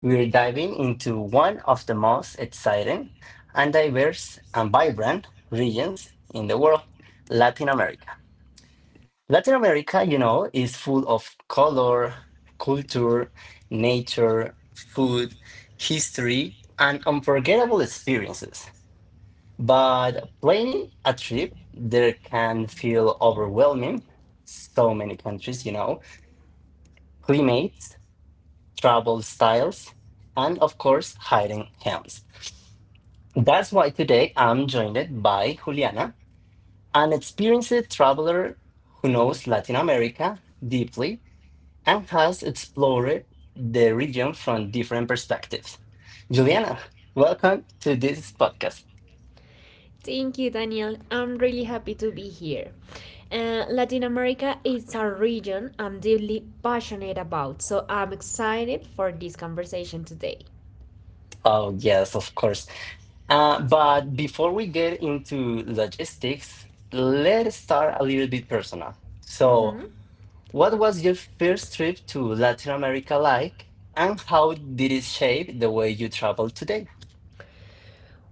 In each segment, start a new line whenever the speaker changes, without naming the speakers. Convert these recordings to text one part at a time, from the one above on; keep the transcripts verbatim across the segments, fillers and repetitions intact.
we're diving into one of the most exciting and diverse and vibrant regions in the world, Latin America. Latin America, you know, is full of color, culture, nature, food, history, and unforgettable experiences. But planning a trip there can feel overwhelming. So many countries, you know, climates, travel styles, and of course, hiring hands. That's why today I'm joined by Juliana, an experienced traveler who knows Latin America deeply and has explored the region from different perspectives. Juliana, welcome to this podcast.
Thank you, Daniel. I'm really happy to be here. Uh, Latin America is a region I'm deeply passionate about, so I'm excited for this conversation today.
Oh, yes, of course. Uh, but before we get into logistics, let's start a little bit personal. So,
Mhm.
what was your first trip to Latin America like, and how did it shape the way you travel today?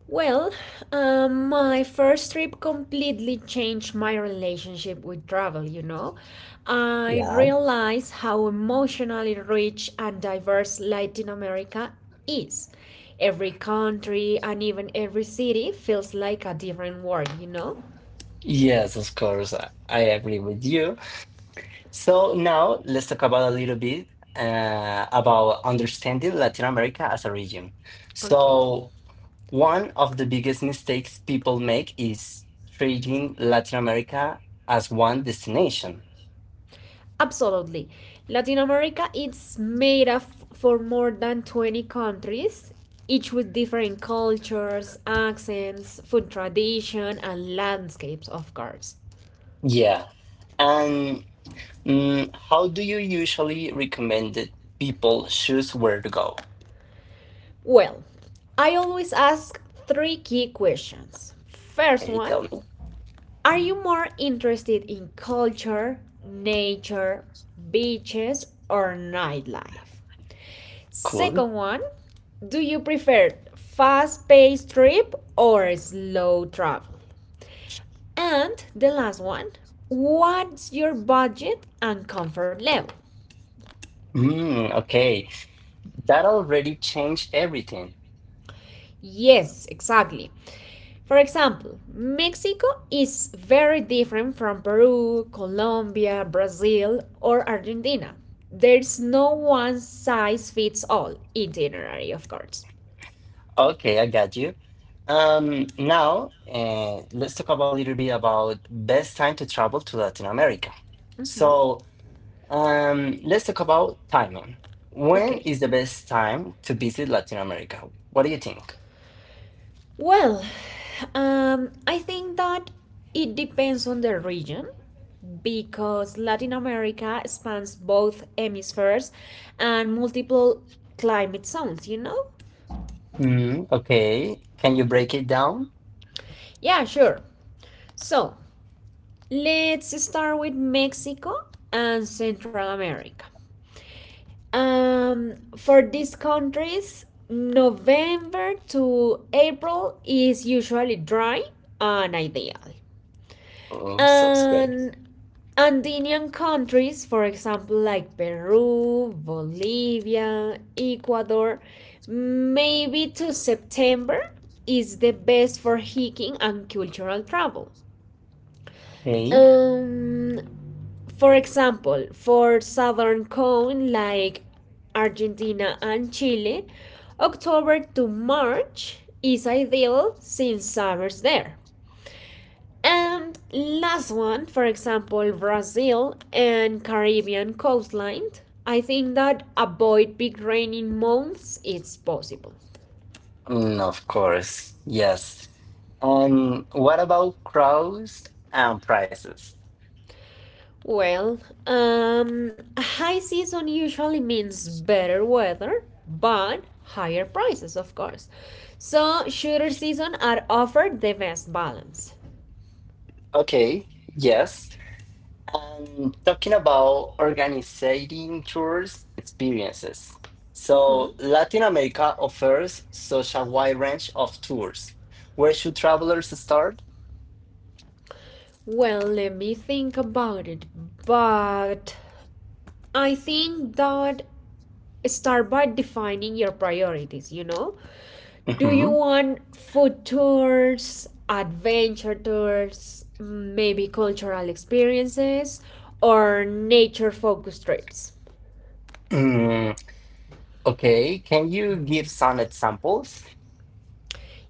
Well, um, my first trip completely changed my relationship with travel, you know. I
Yeah,
realized how emotionally rich and diverse Latin America is. Every country and even every city feels like a different world, you know?
yes, of course, I I agree with you. So, now let's talk about a little bit uh, about understanding Latin America as a region.
Okay,
So, one of the biggest mistakes people make is treating Latin America as one destination.
absolutely. Latin America is made up for more than twenty countries, each with different cultures, accents, food tradition, and landscapes, of course.
Yeah. And mm, how do you usually recommend that people choose where to go?
Well, I always ask three key questions. First
Okay,
one,
tell me.
are you more interested in culture, nature, beaches, or nightlife?
Cool.
Second one, do you prefer fast-paced trip or slow travel? And the last one, what's your budget and comfort level?
Mm, okay. That already changed everything.
Yes, exactly. For example, Mexico is very different from Peru, Colombia, Brazil, or Argentina. There's no one size fits all itinerary, of course.
Okay, I got you. Um, now, uh, let's talk about a little bit about best time to travel to Latin America.
Mhm.
So, um, let's talk about timing. When
Okay,
is the best time to visit Latin America? What do you think?
well, um, I think that it depends on the region because Latin America spans both hemispheres and multiple climate zones, you know?
Mm, okay. Can you break it down?
Yeah, sure. So let's start with Mexico and Central America. Um, for these countries, November to April is usually dry and ideal.
Oh, so great.
And Andean countries, for example, like Peru, Bolivia, Ecuador, maybe to September is the best for hiking and cultural travel.
Okay.
Um, for example, for southern cone like Argentina and Chile, October to March is ideal since summer's there. And last one, for example, Brazil and Caribbean coastline. I think that avoid big raining months it's possible.
Mm, of course. Yes. And what about crowds and prices?
Well, um, high season usually means better weather, but higher prices, of course. So shorter season are offered the best balance.
Okay. Yes. Um, talking about organizing tours experiences.
Mhm.
So, Latin America offers such a wide range of tours. Where should travelers start?
Well, let me think about it, but I think that start by defining your priorities, you know, do you
Mhm.
want food tours, adventure tours, maybe cultural experiences, or nature focused trips?
Mm, okay, can you give some examples?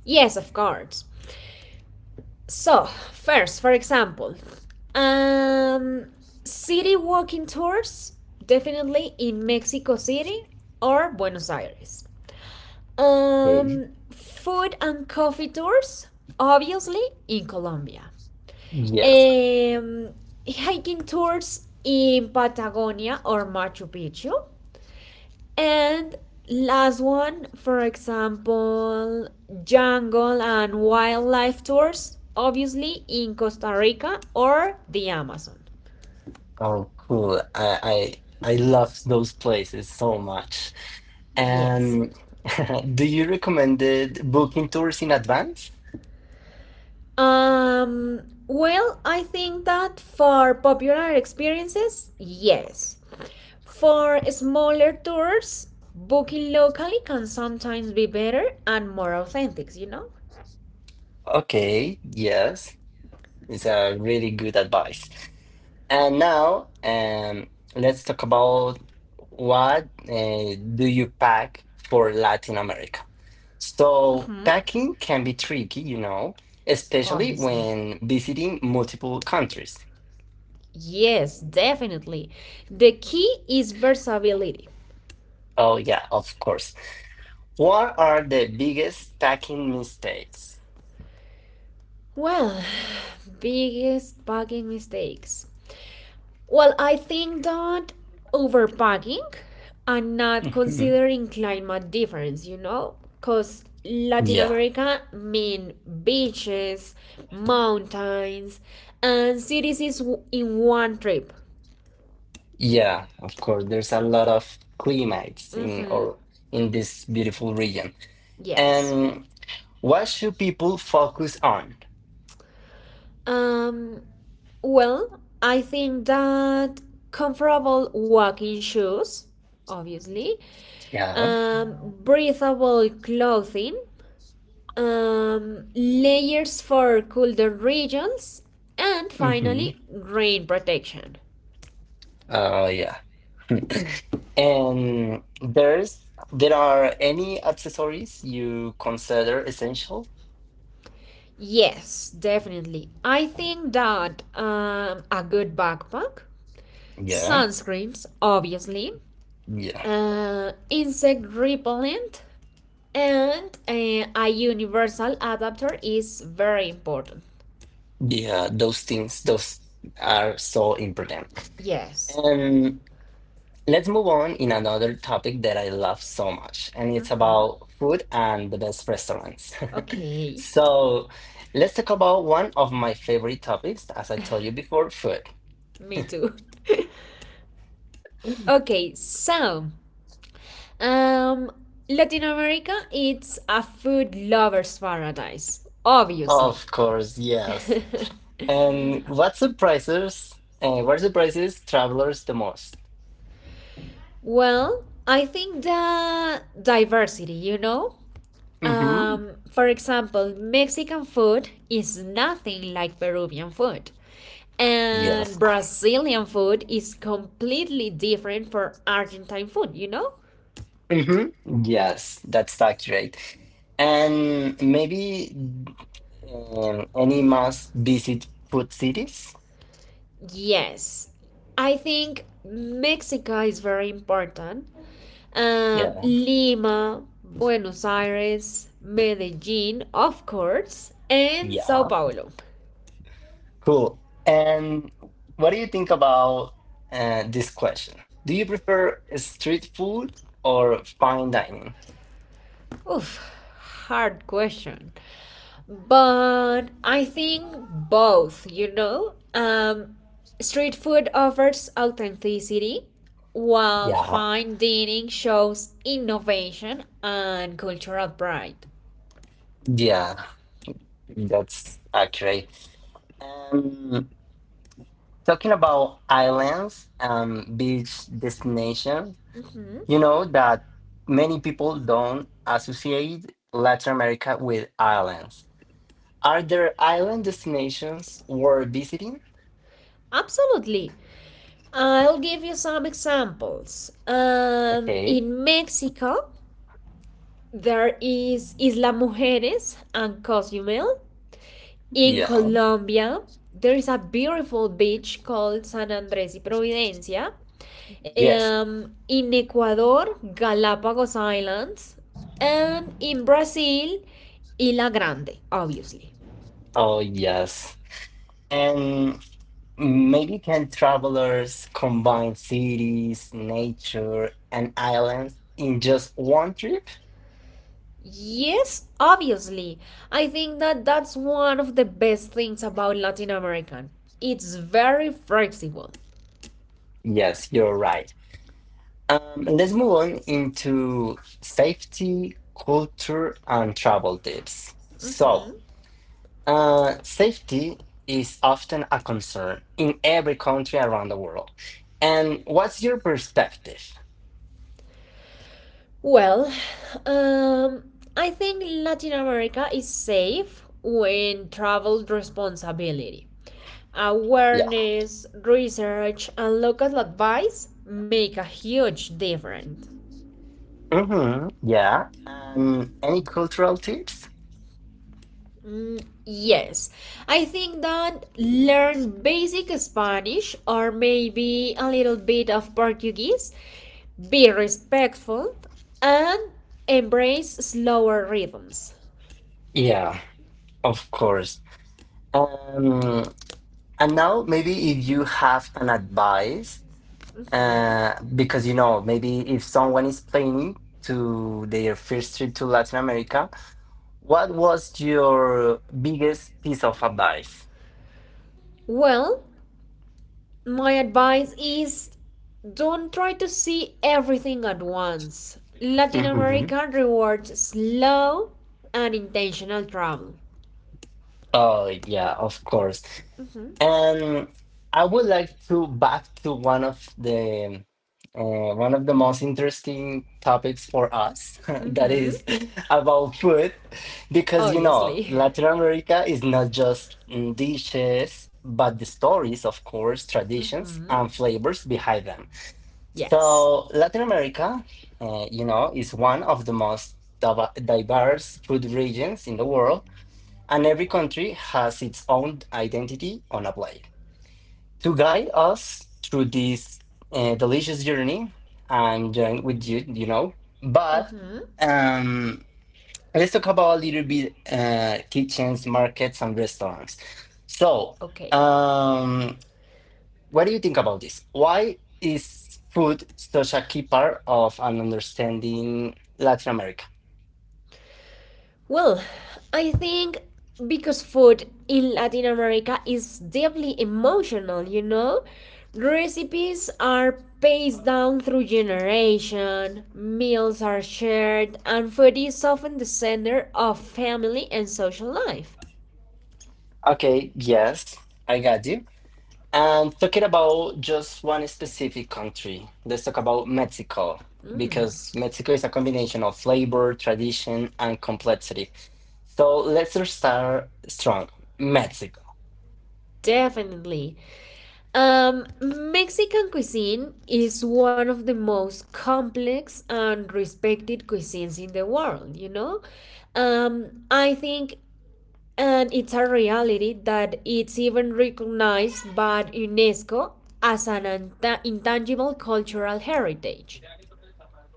Yes, of course. So first, for example, um city walking tours, definitely in Mexico City or Buenos Aires,
Okay.
um food and coffee tours, obviously, in Colombia,
Yes.
um, hiking tours in Patagonia or Machu Picchu. And last one, for example, jungle and wildlife tours, obviously in Costa Rica or the Amazon.
Oh, cool. I I, I love those places so much.
Yes.
And do you recommend booking tours in advance?
Um, well, I think that for popular experiences, yes. For smaller tours, booking locally can sometimes be better and more authentic, you know?
Okay, yes. It's a really good advice. And now, um, let's talk about what uh, do you pack for Latin America. So
Mhm.
packing can be tricky, you know, especially
Obviously.
when visiting multiple countries.
Yes, definitely. The key is versatility.
Oh yeah, of course. What are the biggest packing mistakes?
Well, biggest packing mistakes. Well, I think that overpacking and not
Mhm.
considering climate difference, you know? Because Latin
Yeah,
America mean beaches, mountains, and cities is w- in one trip.
yeah, of course. There's a lot of climates in
Mm-hmm.
or in this beautiful region.
Yes.
And what should people focus on?
Um, Well, I think that comfortable walking shoes, obviously,
Yeah.
um, breathable clothing, um, layers for colder regions, and
hmm
finally, rain protection.
Uh, yeah. And there's there are any accessories you consider essential?
Yes, definitely. I think that um, a good backpack,
Yeah.
sunscreens, obviously,
Yeah.
uh, insect repellent, and uh, a universal adapter is very important.
Yeah. Those things. Those are so important.
Yes.
And let's move on in another topic that I love so much, and it's
Mhm.
about food and the best restaurants.
Okay.
So let's talk about one of my favorite topics, as I told you before, food.
Me too. Okay, so um Latin America it's a food lovers paradise,
Of
obviously.
course, yes. And what surprises uh, what surprises travelers the most?
Well, I think the diversity, you know?
Mm-hmm.
Um, for example, Mexican food is nothing like Peruvian food. And
Yes.
Brazilian food is completely different from Argentine food, you know?
Mm-hmm. Yes, that's accurate. And maybe um, any must visit food cities?
Yes. I think Mexico is very important. Um,
Yeah.
Lima, Buenos Aires, Medellin, of course, and Sao
Yeah.
Paulo.
Cool. And what do you think about uh, this question? Do you prefer street food or fine dining?
Oof, hard question. But I think both, you know? Um, street food offers authenticity, while
Yeah.
fine dining shows innovation and cultural pride.
Yeah, that's accurate. Um. Talking about islands and beach destination,
Mhm.
you know that many people don't associate Latin America with islands. Are there island destinations worth visiting?
Absolutely. I'll give you some examples. Um,
Okay.
in Mexico, there is Isla Mujeres and Cozumel. In
Yeah.
Colombia, there is a beautiful beach called San Andres y Providencia.
Yes.
Um, in Ecuador, Galapagos Islands. And in Brazil, Ilha Grande, obviously.
Oh, yes. And maybe can travelers combine cities, nature, and islands in just one trip?
Yes, obviously. I think that that's one of the best things about Latin American. It's very flexible.
Yes, you're right. Um, let's move on into safety, culture, and travel tips. So,
Mhm.
uh, safety is often a concern in every country around the world. And what's your perspective?
Well, um, I think Latin America is safe when traveled responsibility.
Yeah.
Awareness, research, and local advice make a huge difference.
Mm-hmm. Yeah. Um, any cultural tips?
Mm, yes, I think that learn basic Spanish or maybe a little bit of Portuguese, be respectful, and embrace slower rhythms.
Yeah, of course. Um, and now maybe if you have an advice
Mhm.
Uh, because you know, maybe if someone is planning to their first trip to Latin America, what was your biggest piece of advice?
Well, my advice is don't try to see everything at once. Latin
hmm
America rewards slow and intentional travel.
Oh, yeah, of course. And I would like to back to one of the uh, one of the most interesting topics for us, that
Mm-hmm.
is about food, because you know,
Obviously.
Latin America is not just mm, dishes, but the stories, of course, traditions
Hmm.
and flavors behind them.
Yes.
So Latin America, uh, you know, is one of the most div- diverse food regions in the world, and every country has its own identity on a plate to guide us through this uh, delicious journey. I'm joined with you, you know. But
Mm-hmm.
um, let's talk about a little bit uh, kitchens, markets, and restaurants. So,
Okay.
um, what do you think about this? Why is food such a key part of an understanding Latin America?
Well, I think because food in Latin America is deeply emotional, you know? Recipes are passed down through generation, meals are shared, and food is often the center of family and social life.
Okay, yes, I got you. And talking about just one specific country, let's talk about Mexico,
Mm,
because Mexico is a combination of flavor, tradition, and complexity. So let's start strong. Mexico.
definitely. Um, Mexican cuisine is one of the most complex and respected cuisines in the world, you know? Um, I think And it's a reality that it's even recognized by UNESCO as an int- intangible cultural heritage.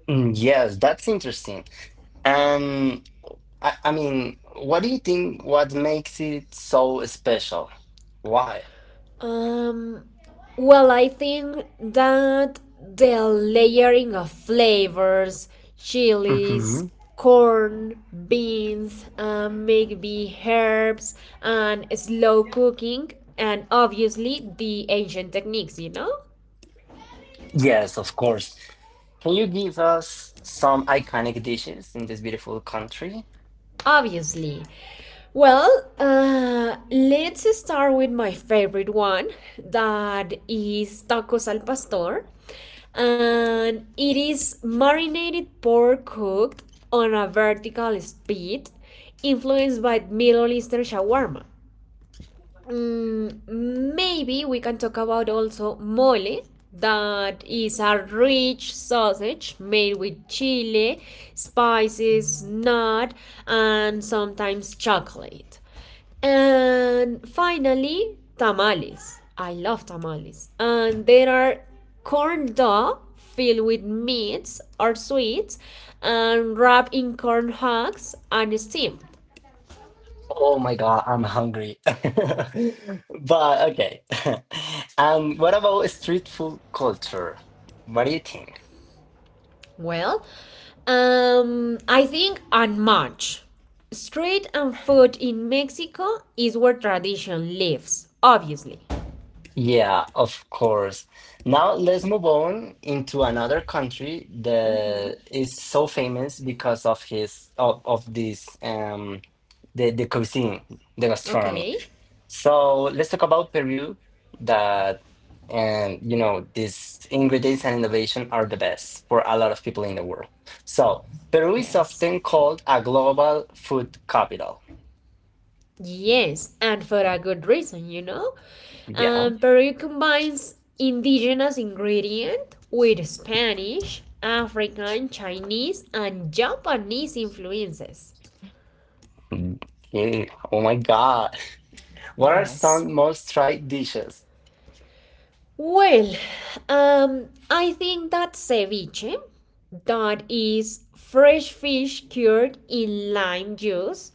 Mm, yes, that's interesting. And I, I mean, what do you think what makes it so special? Why?
Um, well, I think that the layering of flavors, chilies,
hmm
corn, beans, uh, maybe herbs, and slow cooking, and obviously the ancient techniques, you know?
Yes, of course. Can you give us some iconic dishes in this beautiful country?
Obviously. Well, uh, let's start with my favorite one, that is tacos al pastor. And it is marinated pork cooked on a vertical spit, influenced by Middle Eastern shawarma. Mm, maybe we can talk about also mole, that is a rich sausage made with chile, spices, nut, and sometimes chocolate. And finally, tamales. I love tamales. And there are corn dough filled with meats or sweets and wrapped in corn husks and steamed.
Oh my God, I'm hungry. But okay. And what about street food culture? What do you think?
Well, um, I think on March, street and food in Mexico is where tradition lives, obviously.
Yeah, of course. Now let's move on into another country that is so famous because of his of, of this um the the cuisine, the gastronomy.
Okay,
So let's talk about Peru that and you know these ingredients and innovation are the best for a lot of people in the world. So Peru is
yes.
often called a global food capital.
Yes, and for a good reason, you know.
Yeah.
Um, Peru combines indigenous ingredient with Spanish, African, Chinese, and Japanese influences.
Mm. Okay. Oh my God. What are
Yes.
some most tried dishes?
Well, um, I think that ceviche, that is fresh fish cured in lime juice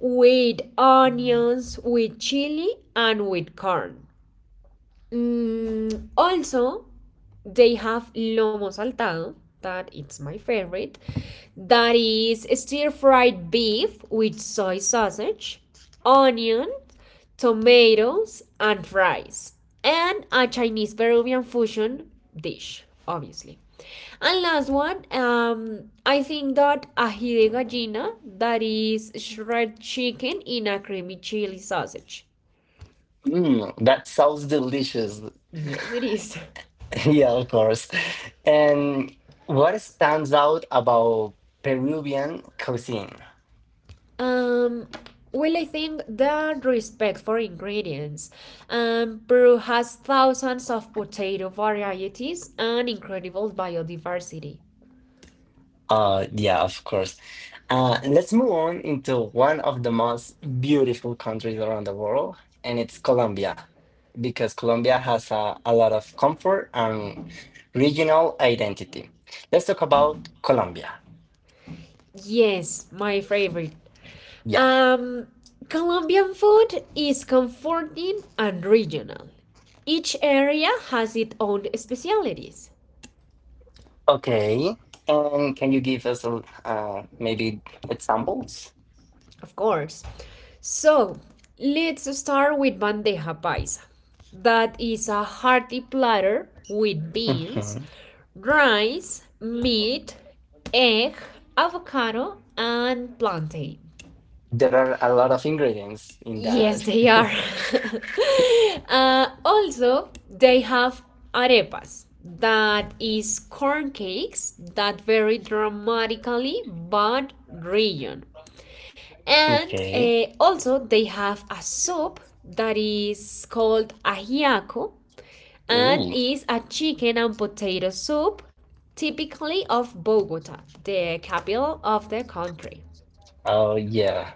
with onions, with chili, and with corn. Mm, also, they have lomo saltado, that it's my favorite. That is stir fried beef with soy sausage, onion, tomatoes, and fries. And a Chinese Peruvian fusion dish, obviously. And last one, um, I think that ají de gallina, that is shredded chicken in a creamy chili sausage.
Mm, that sounds delicious.
Yes, it is.
Yeah, of course. And what stands out about Peruvian cuisine?
Um, well, I think that respect for ingredients. Um, Peru has thousands of potato varieties and incredible biodiversity.
Uh, yeah, of course. Uh, let's move on into one of the most beautiful countries around the world, and it's Colombia, because Colombia has a, a lot of comfort and regional identity. Let's talk about Colombia.
Yes, my favorite.
Yeah.
Um, Colombian food is comforting and regional. Each area has its own specialities.
Okay. And can you give us a, uh, maybe examples?
Of course. So let's start with bandeja paisa. That is a hearty platter with beans,
Mhm.
rice, meat, egg, avocado, and plantain.
There are a lot of ingredients in
Yes,
that.
they are. Uh, also, they have arepas. That is corn cakes that vary dramatically by region. And
Okay.
eh, also, they have a soup that is called ajiaco and is a chicken and potato soup, typically of Bogota, the capital of the country.
Oh yeah,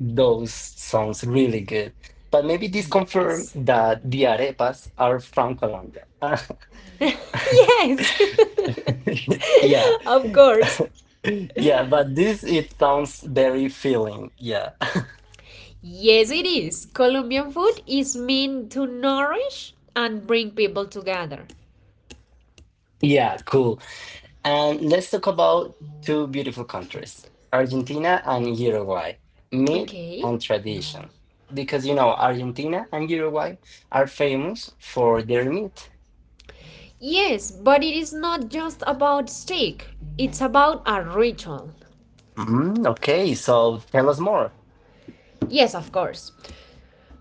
those sounds really good. But maybe this confirm
Yes.
that the arepas are from Colombia.
Yes.
Yeah,
Of course.
yeah, but this it sounds very filling. Yeah,
Yes, it is. Colombian food is meant to nourish and bring people together.
yeah, cool. And let's talk about two beautiful countries, Argentina and Uruguay, meat
Okay.
and tradition. Because you know, Argentina and Uruguay are famous for their meat.
Yes, but it is not just about steak, it's about a ritual.
Mm, okay, so tell us more.
Yes, of course.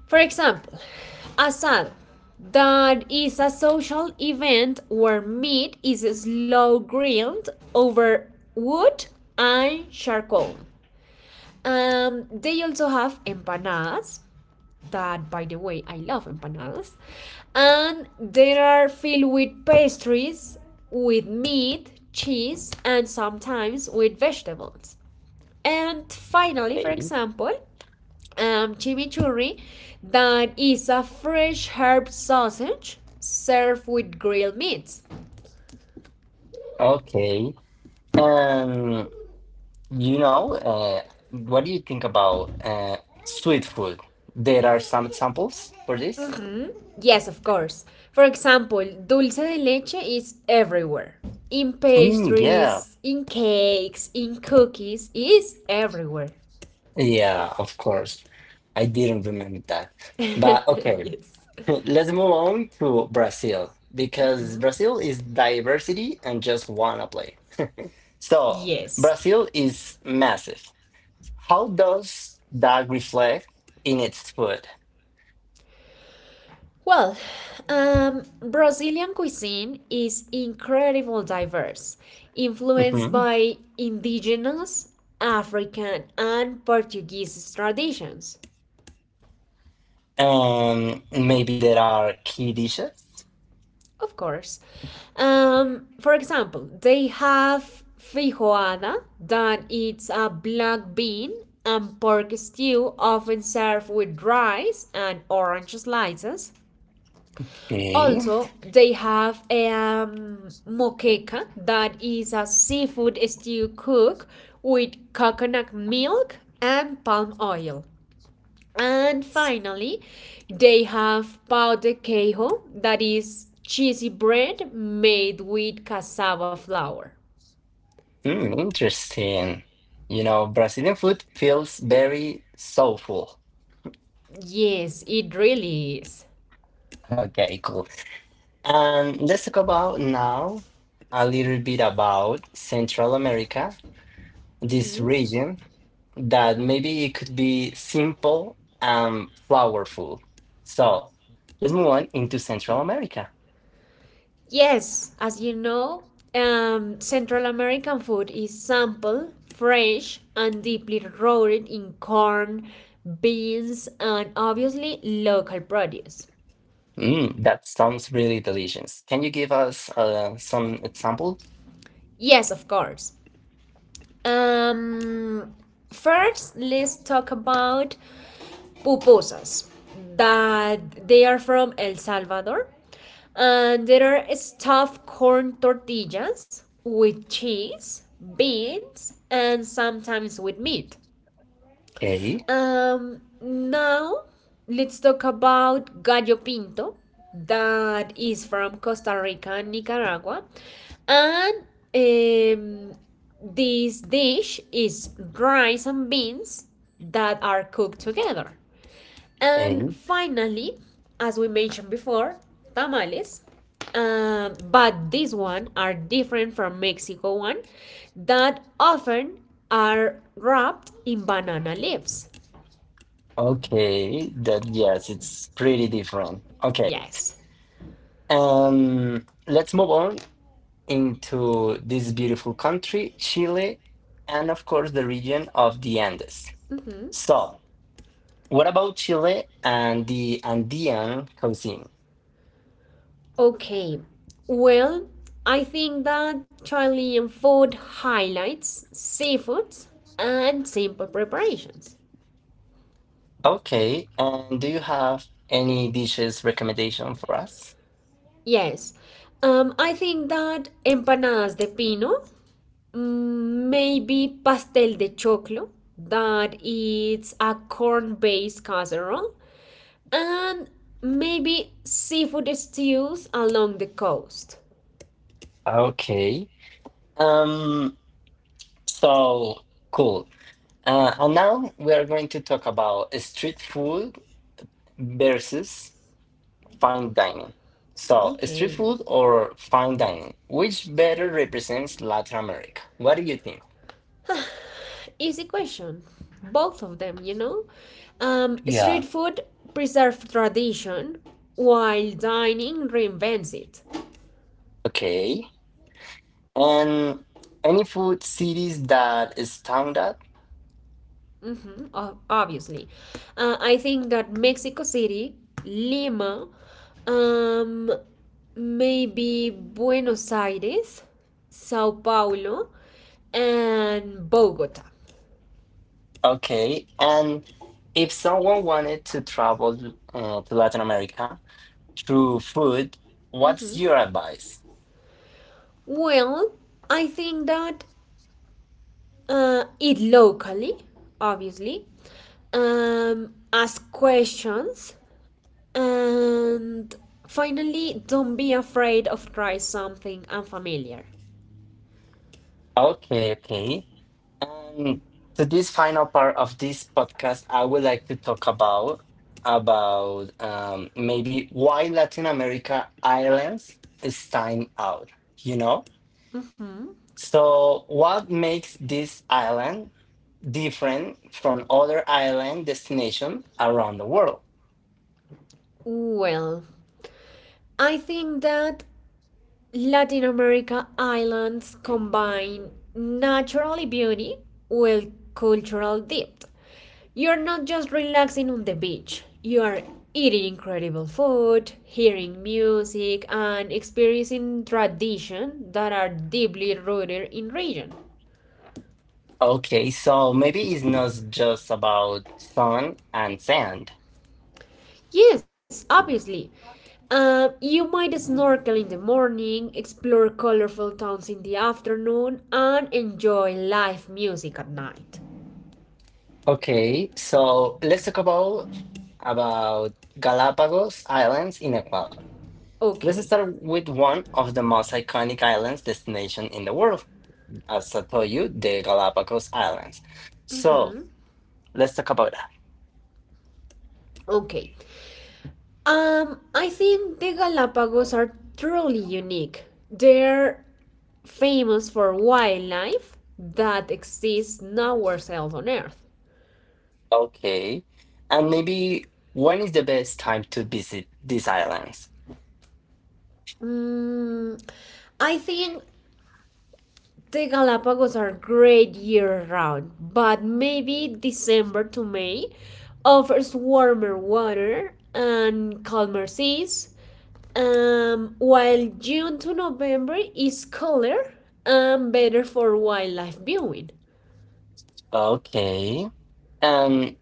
For example, Asad, that is a social event where meat is slow grilled over wood and charcoal. Um, they also have empanadas, that by the way, I love empanadas, and they are filled with pastries with meat, cheese, and sometimes with vegetables. And finally, for example, um, chimichurri, that is a fresh herb sausage served with grilled meats.
Okay. Um, you know, uh, what do you think about uh, sweet food? There are some examples for this?
Mhm. Yes, of course. For example, dulce de leche is everywhere. In
Mm, yeah.
pastries, in cakes, in cookies, it is everywhere.
Yeah, of course. I didn't remember that. But okay,
Yes.
let's move on to Brazil because Brazil is diversity and just wanna play. So,
Yes.
Brazil is massive. How does that reflect in its food?
Well, um, Brazilian cuisine is incredibly diverse, influenced
Mm-hmm.
by indigenous, African, and Portuguese traditions,
Um, maybe there are key dishes.
of course. Um, for example, they have feijoada, that it's a black bean and pork stew, often served with rice and orange slices.
Okay.
Also, they have a um, moqueca, that is a seafood stew cooked with coconut milk and palm oil. And finally, they have pão de queijo that is cheesy bread made with cassava flour.
Hmm, interesting. You know, Brazilian food feels very soulful.
Yes, it really is.
Okay, cool. And let's talk about now a little bit about Central America, this
Mhm.
region that maybe it could be simple and flowerful. So let's move on into Central America.
Yes, as you know, um, Central American food is sample, fresh, and deeply rooted in corn, beans, and obviously local produce.
Mm, that sounds really delicious. Can you give us uh, some examples?
Yes, of course. Um, First, let's talk about pupusas. That they are from El Salvador, and there are stuffed corn tortillas with cheese, beans, and sometimes with meat.
Okay,
Um, now let's talk about Gallo Pinto, that is from Costa Rica and Nicaragua. And um, this dish is rice and beans that are cooked together. And
okay,
finally, as we mentioned before, tamales. Um, but these one are different from Mexico one that often are wrapped in banana leaves.
okay. That yes, it's pretty different. Okay,
Yes.
um, let's move on into this beautiful country, Chile, and of course the region of the Andes.
Mm-hmm.
So, what about Chile and the Andean cuisine?
Okay. Well, I think that Chilean food highlights seafoods and simple preparations.
Okay, and do you have any dishes recommendation for us?
Yes. Um, I think that empanadas de pino, mm, maybe pastel de choclo, that it's a corn based casserole, and maybe seafood stews along the coast.
Okay, um, so cool. Uh, and now we are going to talk about street food versus fine dining. So, street
Okay.
food or fine dining, which better represents Latin America? What do you think?
Easy question, both of them, you know, um,
Yeah.
street food preserves tradition while dining reinvents it.
Okay. And any food cities that stand out?
Mhm, o- obviously. Uh, I think that Mexico City, Lima, um, maybe Buenos Aires, Sao Paulo, and Bogota.
Okay. And if someone wanted to travel uh, to Latin America through food, what's
Mhm.
your advice?
Well, I think that uh, it locally, obviously, um, ask questions, and finally, don't be afraid of try something unfamiliar.
Okay, okay. And to this final part of this podcast, I would like to talk about about um, maybe why Latin America islands stand out. You know,
Mhm.
so what makes this island different from other island destination around the world?
Well, I think that Latin America islands combine naturally beauty with cultural depth. You're not just relaxing on the beach, you are eating incredible food, hearing music, and experiencing traditions that are deeply rooted in region.
Okay, so maybe it's not just about sun and sand.
Yes, obviously. Uh, you might snorkel in the morning, explore colorful towns in the afternoon, and enjoy live music at night.
Okay, so let's talk about about Galapagos Islands in Ecuador. Let's
Okay.
start with one of the most iconic islands destination in the world. As I told you, the Galapagos Islands. So
Mm-hmm.
let's talk about that.
Okay. Um, I think the Galapagos are truly unique. They're famous for wildlife that exists nowhere else on Earth?
Okay. And maybe when is the best time to visit these islands?
Mm, I think the Galapagos are great year round, but maybe December to May offers warmer water and calmer seas, um, while June to November is cooler and better for wildlife viewing.
Okay. And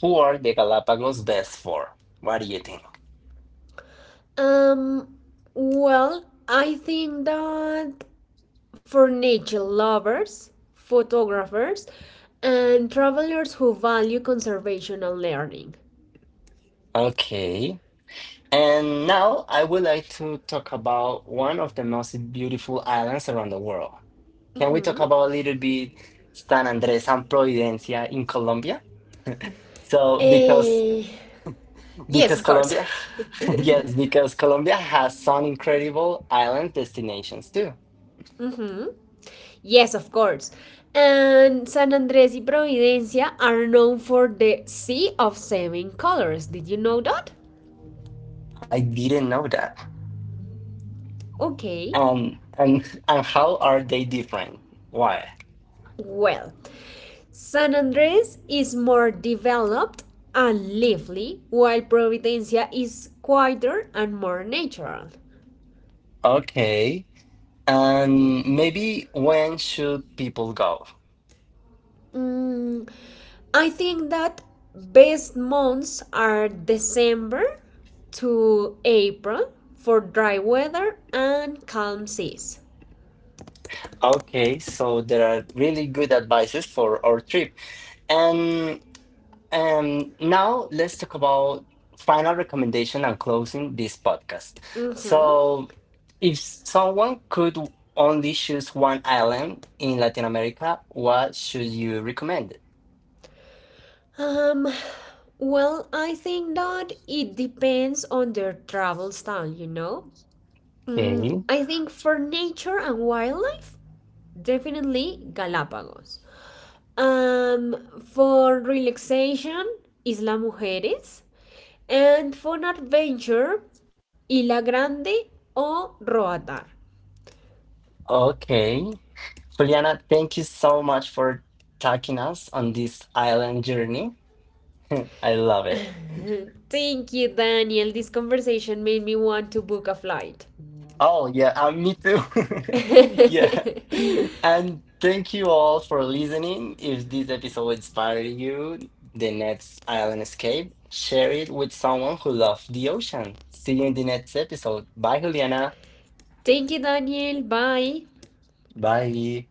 who are the Galapagos best for? What do you think?
Um, well, I think that for nature lovers, photographers, and travelers who value conservation and learning.
Okay. And now I would like to talk about one of the most beautiful islands around the world. Can we talk
Hmm.
about a little bit San Andres and Providencia in Colombia? So because
Eh, yes,
because
of course.
Colombia, yes, because Colombia has some incredible island destinations too.
Mhm. Yes, of course. And San Andrés y Providencia are known for the sea of seven colors. Did you know that?
I didn't know that.
Okay.
Um, and and how are they different? Why?
Well, San Andres is more developed and lively, while Providencia is quieter and more natural.
Okay. And maybe when should people go?
Mm, I think that best months are December to April for dry weather and calm seas.
Okay, so there are really good advices for our trip. And. Um, now let's talk about final recommendation and closing this podcast.
Mhm.
So, if someone could only choose one island in Latin America, what should you recommend?
Um, well, I think that it depends on their travel style, you know. Mm,
Okay,
I think for nature and wildlife, definitely Galapagos. Um, for relaxation, Isla Mujeres. And for an adventure, Isla Grande or Roatar.
okay, Juliana, thank you so much for taking us on this island journey. I love it.
Thank you, Daniel. This conversation made me want to book a flight.
Oh yeah, uh, me too. Yeah. And thank you all for listening. If this episode inspired you, the next island escape, share it with someone who loves the ocean. See you in the next episode. Bye, Juliana.
Thank you, Daniel. Bye.
Bye.